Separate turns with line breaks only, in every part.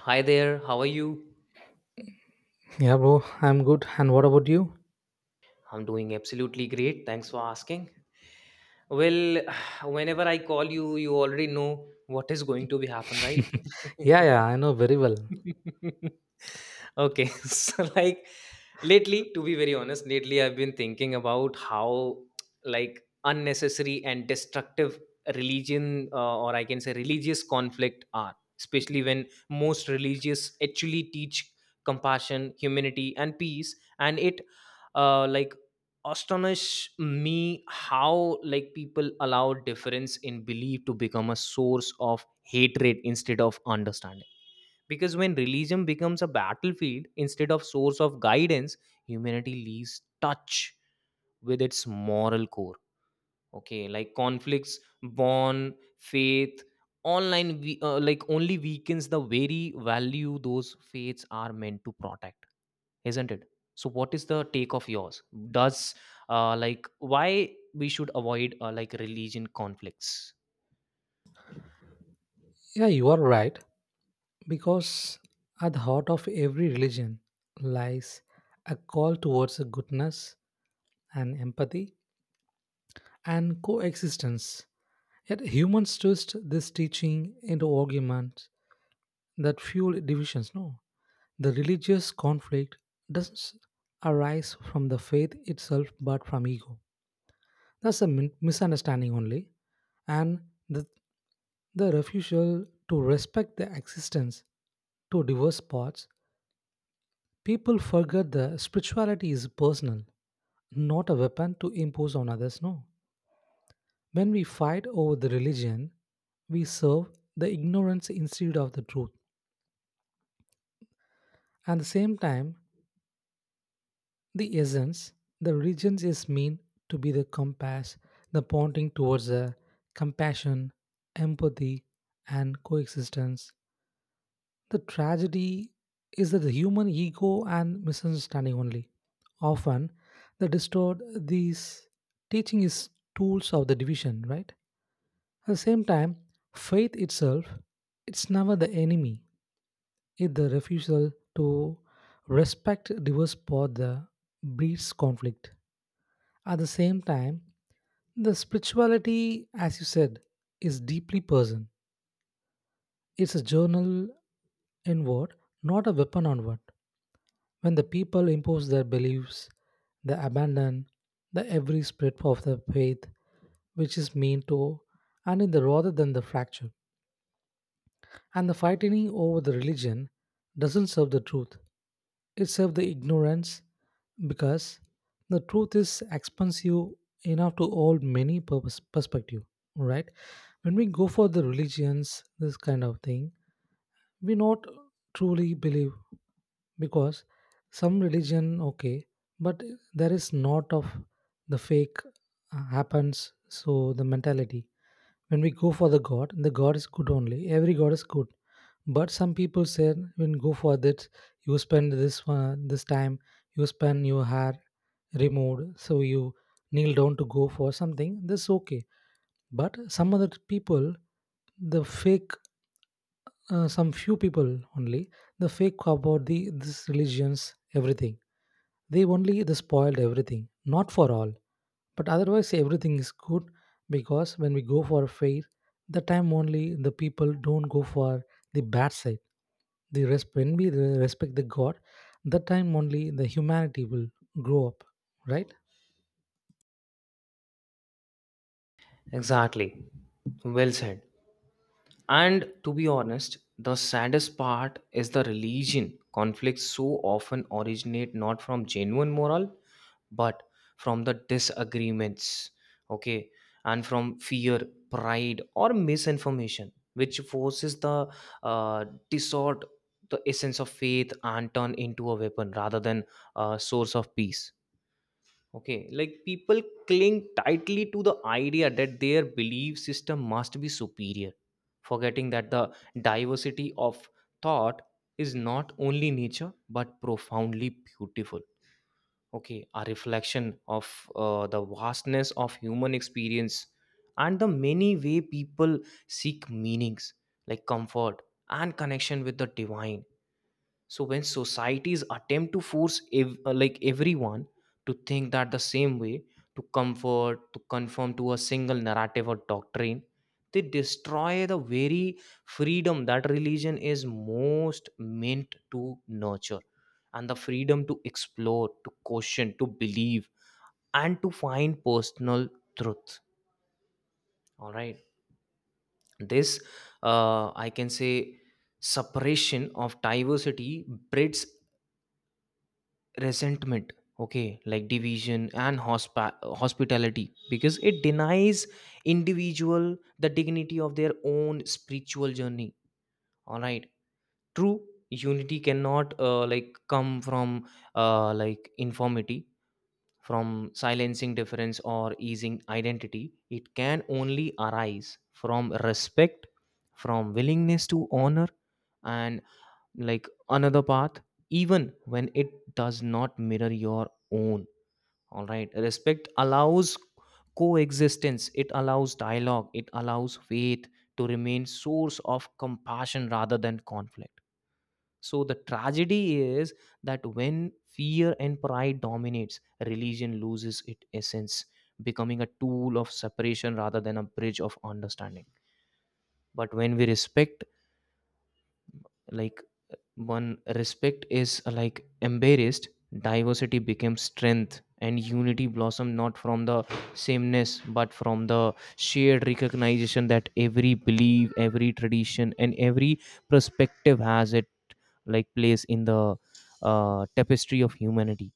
Hi there, how are you?
Yeah, bro, I'm good. And what about you?
I'm doing absolutely great. Thanks for asking. Well, whenever I call you, you already know what is going to be happen, right?
Yeah, yeah, I know very well.
Okay. So like, lately, to be very honest, lately I've been thinking about how like unnecessary and destructive religion or I can say religious conflict are, especially when most religious actually teach compassion, humanity and peace. And it uh, like astonish me how like people allow difference in belief to become a source of hatred instead of understanding. Because when religion becomes a battlefield instead of source of guidance, humanity leaves touch with its moral core. Okay, like conflicts born faith online we only weakens the very value those faiths are meant to protect, isn't it? So what is the take of yours? Does why we should avoid religion conflicts?
Yeah, you are right. Because at the heart of every religion lies a call towards goodness and empathy and coexistence. Yet humans twist this teaching into arguments that fuel divisions. No, the religious conflict doesn't arise from the faith itself but from ego. That's a misunderstanding only, and the, the refusal to respect the existence to diverse parts, people forget the spirituality is personal, not a weapon to impose on others. No. When we fight over the religion, we serve the ignorance instead of the truth. At the same time, the essence, the religion is meant to be the compass, the pointing towards the compassion, empathy, and coexistence. The tragedy is that the human ego and misunderstanding only. Often, they distort these teaching is tools of the division, right? At the same time, faith itself, it's never the enemy. It's the refusal to respect diverse path that breeds conflict. At the same time, the spirituality, as you said, is deeply personal. It's a journal inward, not a weapon onward. When the people impose their beliefs, they abandon the every spirit of the faith which is mean to and in the rather than the fracture. And the fighting over the religion doesn't serve the truth. It serves the ignorance because the truth is expansive enough to hold many purpose perspective. Right? When we go for the religions, this kind of thing, we not truly believe because some religion okay but there is not of the fake happens so the mentality when we go for the god is good only every god is good but some people said when go for that you spend this time you spend your hair removed so you kneel down to go for something this okay but some other people the fake some few people only the fake about the this religions everything they only they spoiled everything not for all but otherwise everything is good because when we go for a fair the time only the people don't go for the bad side the when we respect the god that time only the humanity will grow up right.
Exactly. Well said. And to be honest, the saddest part is the religion. Conflicts so often originate not from genuine moral, but from the disagreements, okay, and from fear, pride, or misinformation, which forces the distort the essence of faith and turn into a weapon rather than a source of peace. Okay, like people cling tightly to the idea that their belief system must be superior, forgetting that the diversity of thought is not only nature but profoundly beautiful. Okay, a reflection of the vastness of human experience and the many way people seek meanings, like comfort and connection with the divine. So when societies attempt to force everyone to think that the same way, to comfort to conform to a single narrative or doctrine, they destroy the very freedom that religion is most meant to nurture, and the freedom to explore, to question, to believe, and to find personal truth. All right, this I can say, separation of diversity breeds resentment, okay, like division and hospitality because it denies individual the dignity of their own spiritual journey. All right, true unity cannot come from informity, from silencing difference or easing identity. It can only arise from respect, from willingness to honor and like another path, even when it does not mirror your own. All right. Respect allows coexistence. It allows dialogue. It allows faith to remain source of compassion rather than conflict. So the tragedy is that when fear and pride dominates, religion loses its essence, becoming a tool of separation rather than a bridge of understanding. But when we respect, like when respect is embarrassed, diversity becomes strength and unity blossom not from the sameness but from the shared recognition that every belief, every tradition, and every perspective has it like place in the tapestry of humanity.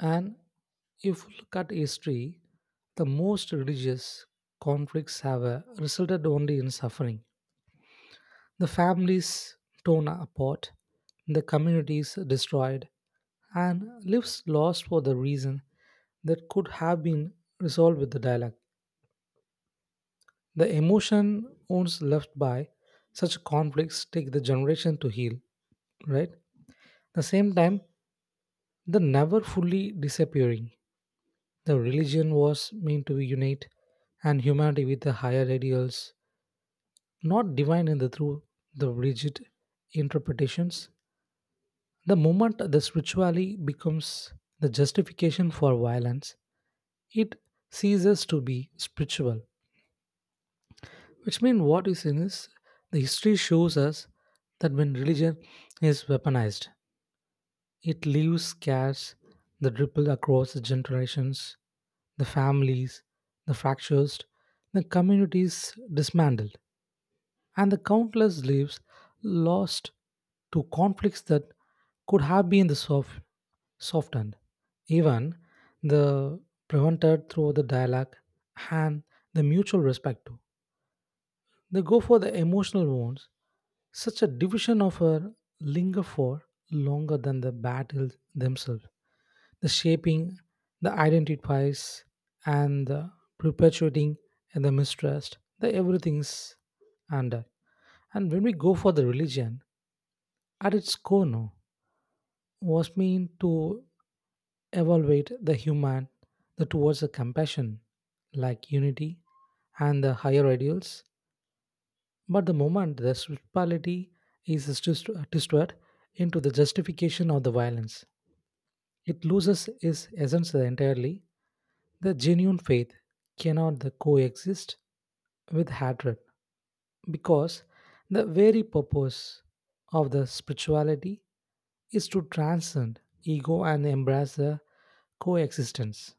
And if you look at history the most religious conflicts have resulted only in suffering. The families torn apart, the communities destroyed, and lives lost for the reason that could have been resolved with the dialogue. The emotion wounds left by such conflicts take the generation to heal, right? The same time, the never fully disappearing. The religion was meant to unite and humanity with the higher ideals, not divine in the through the rigid interpretations. The moment the spirituality becomes the justification for violence, it ceases to be spiritual. Which means what is in is the history shows us that when religion is weaponized, it leaves scars that ripple across the generations, the families, the fractures, the communities dismantled. And the countless lives lost to conflicts that could have been the soft, softened, even the prevented through the dialogue and the mutual respect too. They go for the emotional wounds. Such a division of her linger for longer than the battles themselves. The shaping, the identifies, and the perpetuating and the mistrust, the everything's under. And when we go for the religion, at its core, no, was mean to evaluate the human the towards the compassion, like unity and the higher ideals. But the moment the spirituality is distorted into the justification of the violence, it loses its essence entirely. The genuine faith cannot the coexist with hatred because the very purpose of the spirituality is to transcend ego and embrace the coexistence.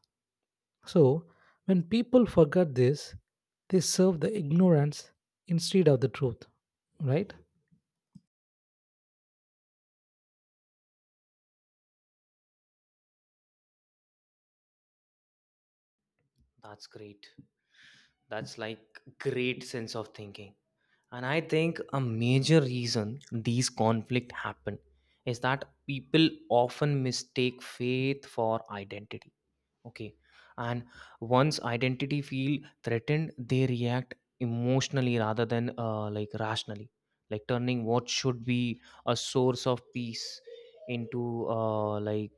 So, when people forget this, they serve the ignorance instead of the truth, right?
That's great. That's like great sense of thinking. And I think a major reason these conflicts happen is that people often mistake faith for identity. Okay. And once identity feel threatened, they react emotionally rather than rationally, like turning what should be a source of peace into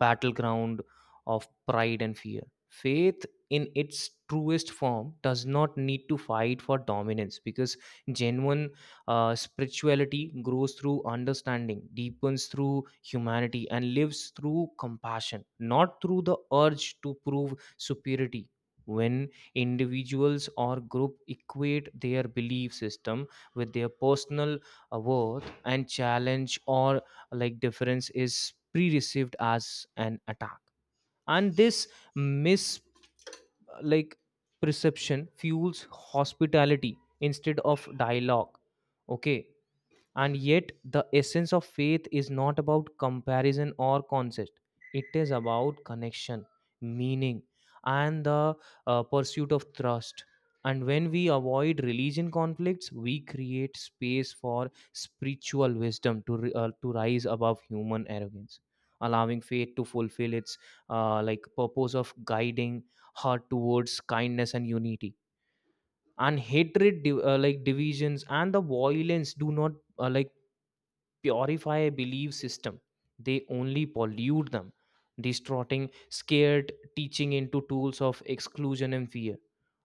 battleground of pride and fear. Faith in its truest form does not need to fight for dominance because genuine spirituality grows through understanding, deepens through humanity, and lives through compassion, not through the urge to prove superiority. When individuals or group equate their belief system with their personal worth and challenge or like difference is pre-received as an attack, and this mis like perception fuels hospitality instead of dialogue. Okay, and yet, the essence of faith is not about comparison or contest, it is about connection, meaning, and the pursuit of trust. And when we avoid religion conflicts, we create space for spiritual wisdom to rise above human arrogance, allowing faith to fulfill its purpose of guiding heart towards kindness and unity. And hatred, divisions and the violence, do not uh, like purify a belief system, they only pollute them, distorting scared teaching into tools of exclusion and fear.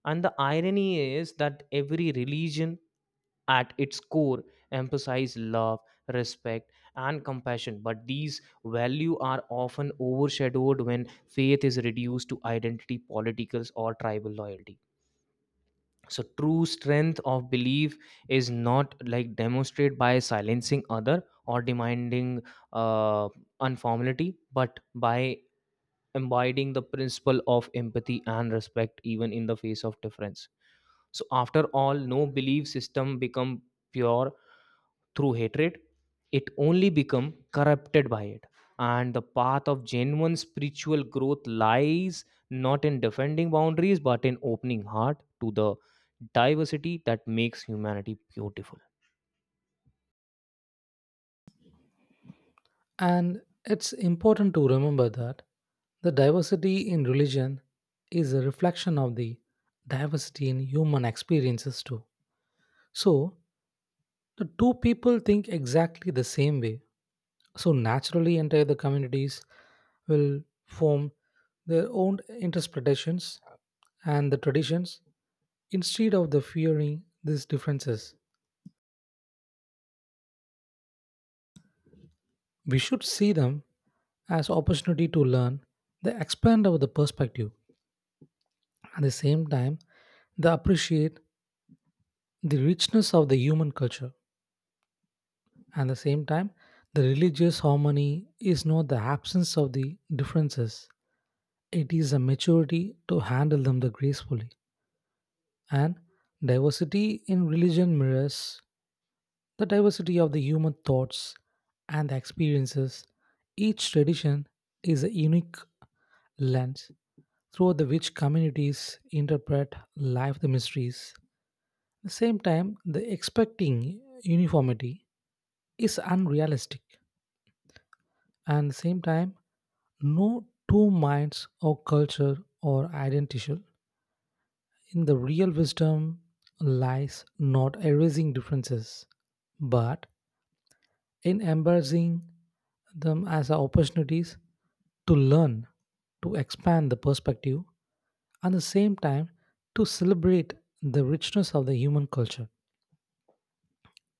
And the irony is that every religion at its core emphasizes love, respect and compassion, but these values are often overshadowed when faith is reduced to identity politicals or tribal loyalty. So true strength of belief is not like demonstrated by silencing other or demanding uh, unformality but by embodying the principle of empathy and respect even in the face of difference. So after all, no belief system become pure through hatred, it only become corrupted by it. And the path of genuine spiritual growth lies not in defending boundaries but in opening heart to the diversity that makes humanity beautiful.
And it's important to remember that the diversity in religion is a reflection of the diversity in human experiences too. So, the two people think exactly the same way. So, naturally, entire the communities will form their own interpretations and the traditions instead of the fearing these differences. We should see them as opportunity to learn, the expand of the perspective, at the same time they appreciate the richness of the human culture. At the same time, the religious harmony is not the absence of the differences. It is a maturity to handle them the gracefully. And diversity in religion mirrors the diversity of the human thoughts and the experiences, each tradition is a unique lens through the which communities interpret life the mysteries. At the same time, the expecting uniformity is unrealistic. And at the same time, no two minds or culture are identical. In the real wisdom lies not erasing differences, but in embracing them as opportunities to learn, to expand the perspective, and at the same time to celebrate the richness of the human culture.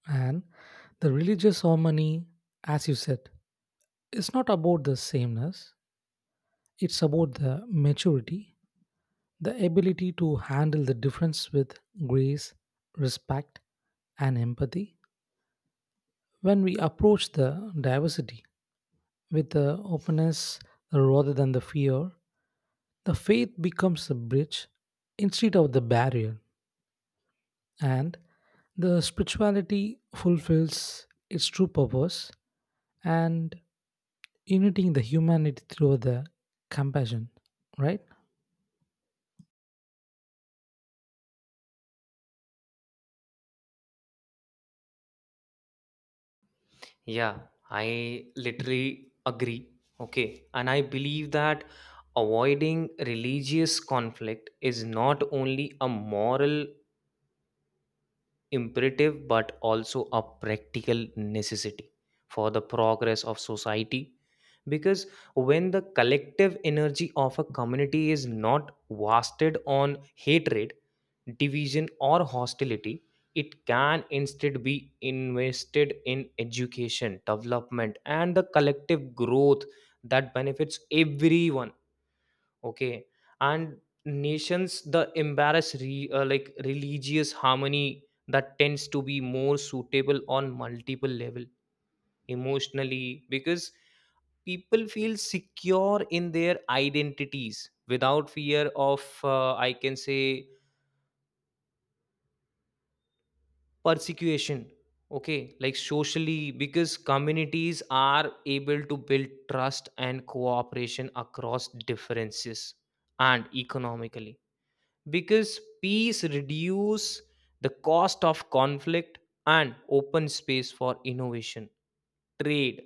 And the religious harmony, as you said, is not about the sameness, it's about the maturity, the ability to handle the difference with grace, respect, and empathy. When we approach the diversity with the openness rather than the fear, the faith becomes a bridge instead of the barrier. And the spirituality fulfills its true purpose and uniting the humanity through the compassion, right?
Yeah, I literally agree. Okay. And I believe that avoiding religious conflict is not only a moral imperative but also a practical necessity for the progress of society. Because when the collective energy of a community is not wasted on hatred, division or hostility, it can instead be invested in education, development and the collective growth that benefits everyone. Okay, and nations the embarrass re, like religious harmony that tends to be more suitable on multiple level. Emotionally because people feel secure in their identities without fear of, I can say, persecution. Okay, like socially because communities are able to build trust and cooperation across differences. And economically because peace reduce the cost of conflict and open space for innovation, trade,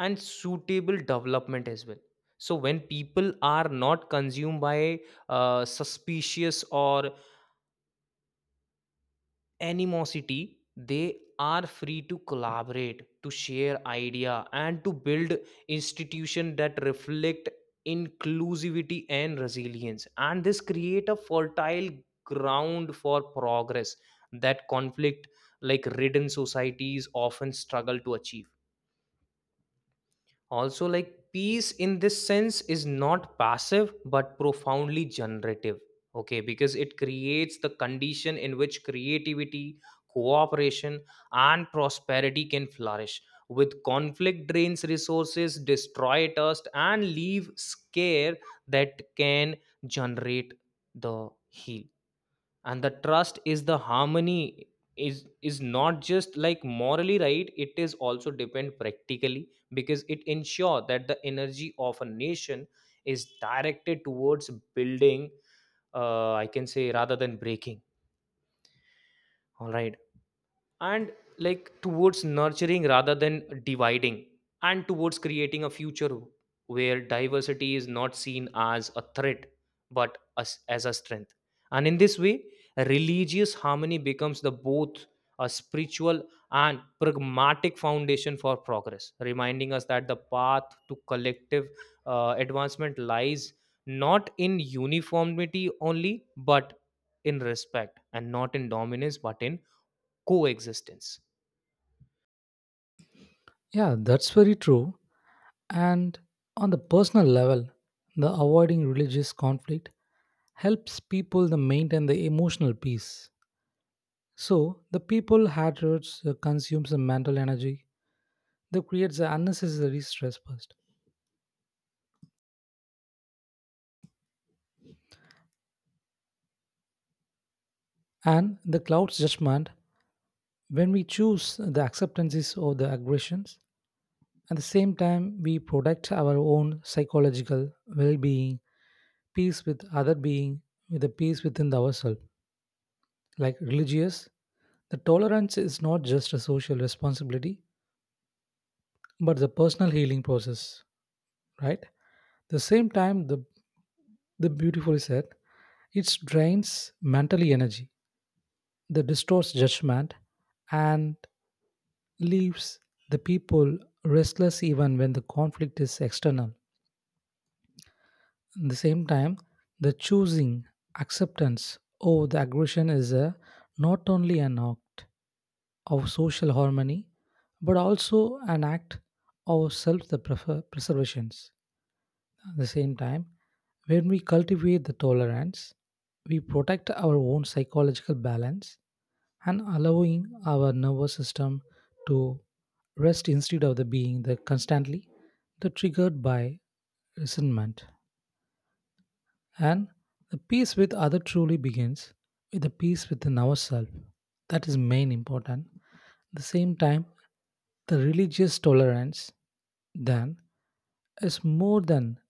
and suitable development as well. So when people are not consumed by suspicious or animosity, they are free to collaborate, to share idea, and to build institution that reflect inclusivity and resilience. And this create a fertile ground for progress that conflict like ridden societies often struggle to achieve. Also, like peace in this sense is not passive but profoundly generative. Okay, because it creates the condition in which creativity, cooperation, and prosperity can flourish. With conflict drains resources, destroy trust, and leave scare that can generate the heal. And the trust is the harmony is not just like morally right, it is also depend practically because it ensure that the energy of a nation is directed towards building, I can say, rather than breaking. All right, and like towards nurturing rather than dividing, and towards creating a future where diversity is not seen as a threat but as a strength. And in this way, religious harmony becomes the both a spiritual and pragmatic foundation for progress, reminding us that the path to collective advancement lies not in uniformity only but in respect, and not in dominance but in coexistence.
Yeah, that's very true. And on the personal level the avoiding religious conflict helps people to maintain the emotional peace so the people hatreds consumes the mental energy that creates the unnecessary stress first and the clouds judgment when we choose the acceptances of the aggressions. At the same time, we protect our own psychological well being, peace with other being, with the peace within ourselves. Like religious, the tolerance is not just a social responsibility, but the personal healing process, right? The same time, the beautifully said, it drains mentally energy, that distorts judgment, and leaves the people restless even when the conflict is external. At the same time, the choosing acceptance over the aggression is a, not only an act of social harmony, but also an act of self preservation. At the same time, when we cultivate the tolerance, we protect our own psychological balance and allowing our nervous system to rest instead of the being the constantly the triggered by resentment. And the peace with other truly begins with the peace within ourselves. That is main important. At the same time, the religious tolerance then is more than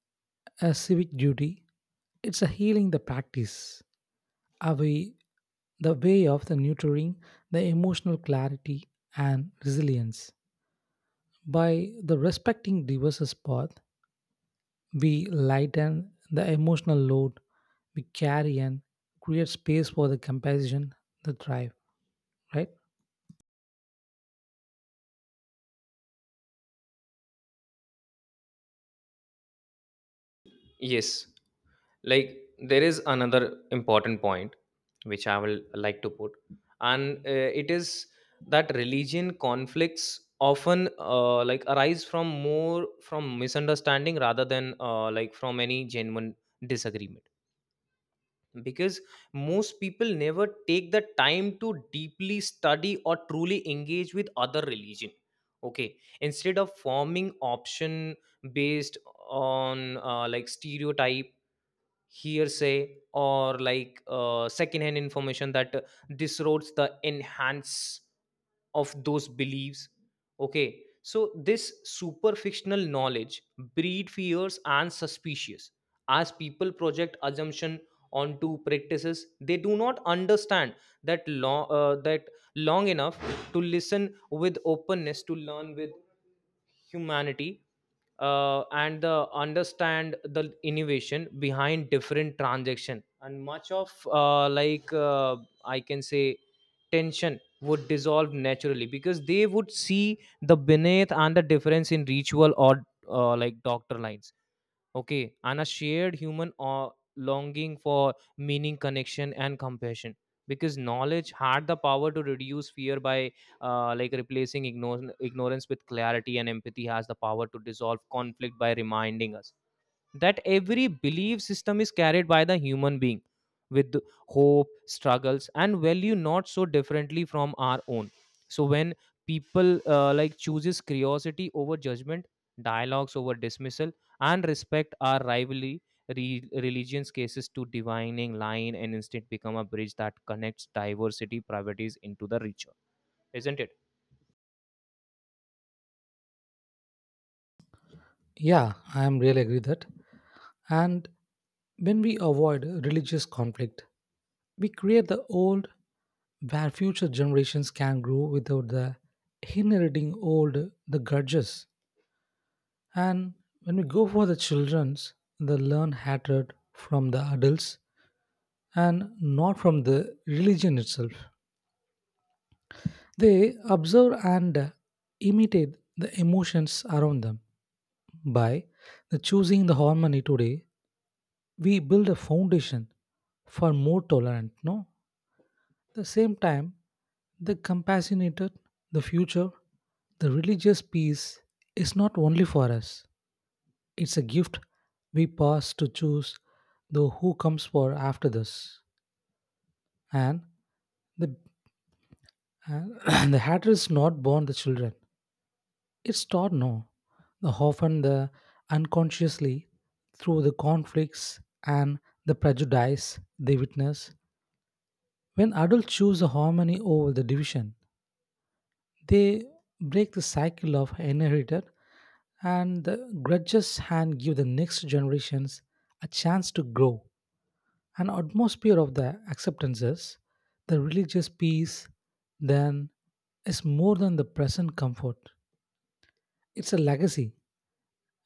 a civic duty. It's a healing the practice, a way, the way of the nurturing the emotional clarity and resilience by the respecting diverse path. We lighten the emotional load we carry and create space for the compassion, the drive, right?
Yes, like there is another important point which I will like to put, and it is that religion conflicts often arise from more from misunderstanding rather than from any genuine disagreement. Because most people never take the time to deeply study or truly engage with other religion. Okay, instead of forming option based on stereotype, hearsay or like secondhand information that disroads the enhance of those beliefs. Okay, so this super fictional knowledge breed fears and suspicious as people project assumption onto practices they do not understand. That long that long enough to listen with openness, to learn with humanity, and the understand the innovation behind different transaction, and much of I can say tension would dissolve naturally because they would see the beneath and the difference in ritual or doctor lines. Okay, and a shared human longing for meaning, connection and compassion. Because knowledge had the power to reduce fear by replacing ignorance with clarity, and empathy has the power to dissolve conflict by reminding us that every belief system is carried by the human being with hope, struggles and value not so differently from our own. So when people chooses curiosity over judgment, dialogues over dismissal, and respect our rivalry, religions cases to divining line and instead become a bridge that connects diversity priorities into the ritual, isn't it?
Yeah, I am really agree that. And when we avoid religious conflict, we create the old where future generations can grow without the inheriting old the grudges. And when we go for the children's, they learn hatred from the adults and not from the religion itself. They observe and imitate the emotions around them. By the choosing the harmony today, we build a foundation for more tolerant. No, the same time, the compassionated, the future, the religious peace is not only for us. It's a gift we pass to choose the who comes for after this, and the and the hatred is not born the children. It's taught no, often the unconsciously through the conflicts and the prejudice they witness. When adults choose a harmony over the division, they break the cycle of inherited and the grudges and give the next generations a chance to grow. An atmosphere of the acceptances, the religious peace, then is more than the present comfort. It's a legacy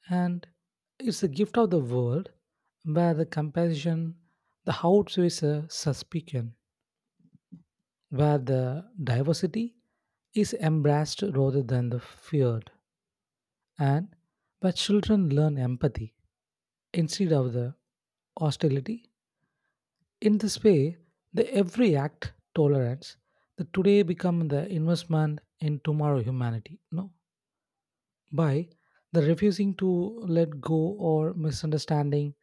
and it's a gift of the world where the compassion, the outweighs a suspicion where the diversity is embraced rather than the feared and where children learn empathy instead of the hostility in this way the every act tolerance the today become the investment in tomorrow humanity no by the refusing to let go or misunderstanding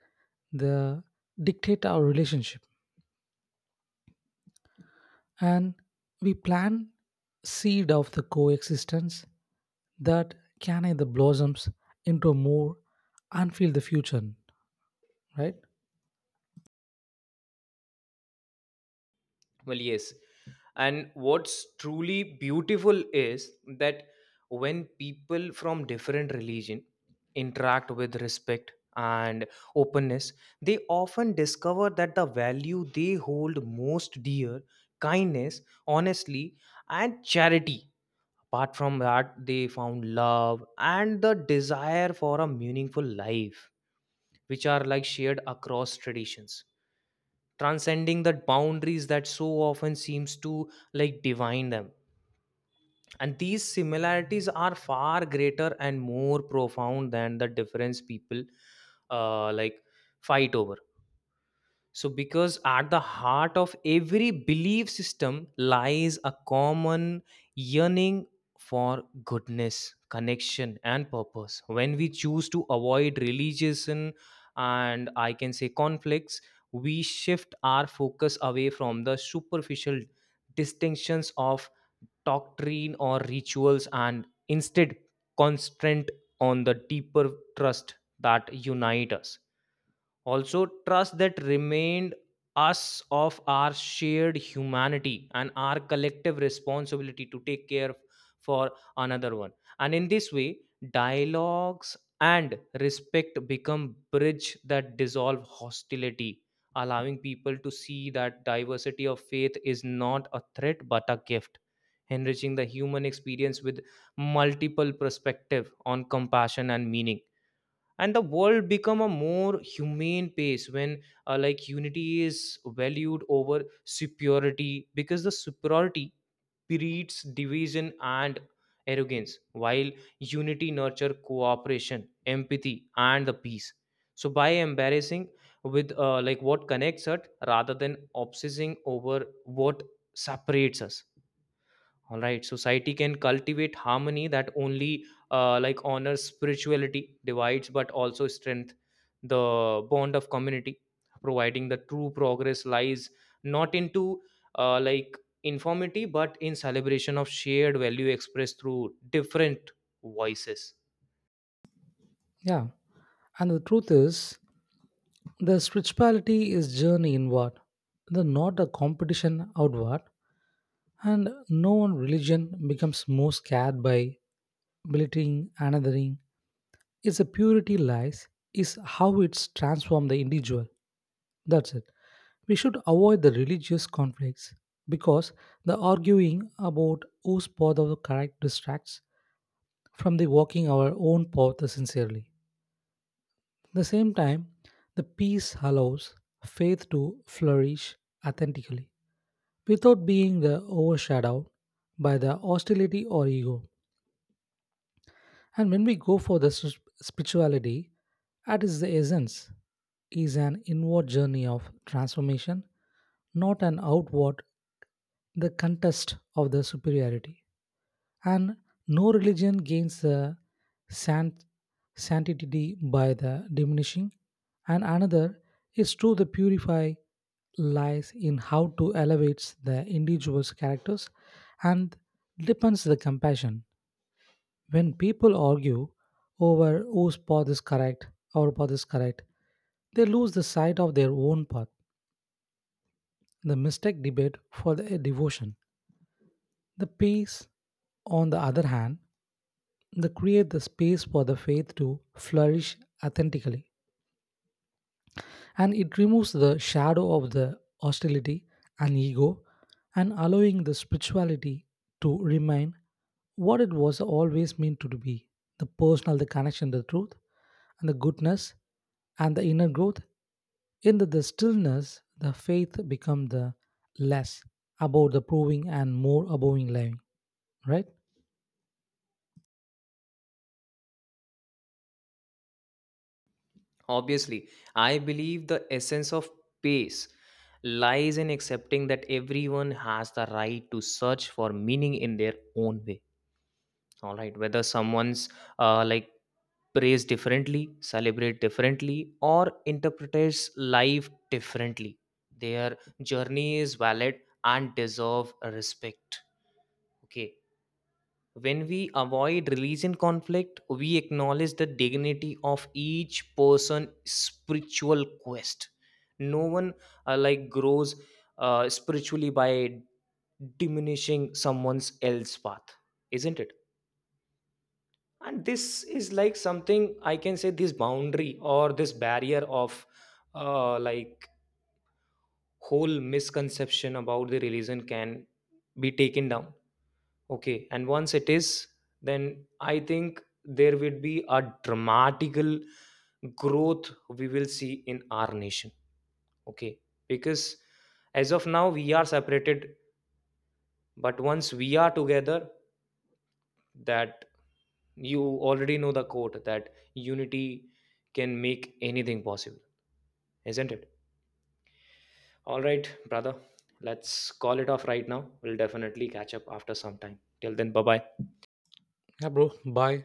the dictate our relationship and we plant seed of the coexistence that can either blossoms into a more and feel the future, right?
Well, yes. And what's truly beautiful is that when people from different religion interact with respect and openness, they often discover that the value they hold most dear, kindness, honesty, and charity. Apart from that, they found love and the desire for a meaningful life, which are like shared across traditions, transcending the boundaries that so often seems to like divine them. And these similarities are far greater and more profound than the difference people uh, like fight over. So, because at the heart of every belief system lies a common yearning for goodness, connection, and purpose. When we choose to avoid religion, and i can say conflicts, we shift our focus away from the superficial distinctions of doctrine or rituals and instead concentrate on the deeper trust that unite us, also trust that remained us of our shared humanity and our collective responsibility to take care for another one. And in this way, dialogues and respect become bridge that dissolve hostility, allowing people to see that diversity of faith is not a threat but a gift, enriching the human experience with multiple perspective on compassion and meaning. And the world become a more humane place when unity is valued over superiority, because the superiority breeds division and arrogance, while unity nurture cooperation, empathy, and the peace. So by embarrassing with what connects us rather than obsessing over what separates us, all right, society can cultivate harmony that only honors spirituality divides but also strength the bond of community, providing the true progress lies not into like informity but in celebration of shared value expressed through different voices.
Yeah, and the truth is the spirituality is journey inward the not a competition outward and no one religion becomes more scared by belittling another. Its purity lies is how it's transformed the individual. That's it. We should avoid the religious conflicts because the arguing about whose path of the correct distracts from the walking our own path sincerely. At the same time, the peace allows faith to flourish authentically without being the overshadowed by the hostility or ego. And when we go for the spirituality, that is the essence is an inward journey of transformation, not an outward, the contest of the superiority. And no religion gains the sant- sanctity by the diminishing, and another is true: the purify lies in how to elevate the individual's characters and depends the compassion. When people argue over whose path is correct, our path is correct, they lose the sight of their own path. The mistake debate for the devotion. The peace, on the other hand, they create the space for the faith to flourish authentically. And it removes the shadow of the hostility and ego and allowing the spirituality to remain what it was always meant to be the personal the connection the truth and the goodness and the inner growth in the stillness the faith become the less about the proving and more about living, right?
Obviously, I believe the essence of peace lies in accepting that everyone has the right to search for meaning in their own way. All right, whether someone's uh, like praise differently, celebrate differently or interprets life differently, their journey is valid and deserve respect. Okay, when we avoid religion conflict, we acknowledge the dignity of each person spiritual quest. No one grows spiritually by diminishing someone's else path, isn't it? And this is like something I can say, this boundary or this barrier of uh, like whole misconception about the religion can be taken down. Okay, and once it is, then I think there will be a dramatical growth we will see in our nation. Okay, because as of now we are separated, but once we are together, that you already know the quote that unity can make anything possible, isn't it? All right, brother, let's call it off right now. We'll definitely catch up after some time. Till then, bye bye.
Yeah, bro, bye.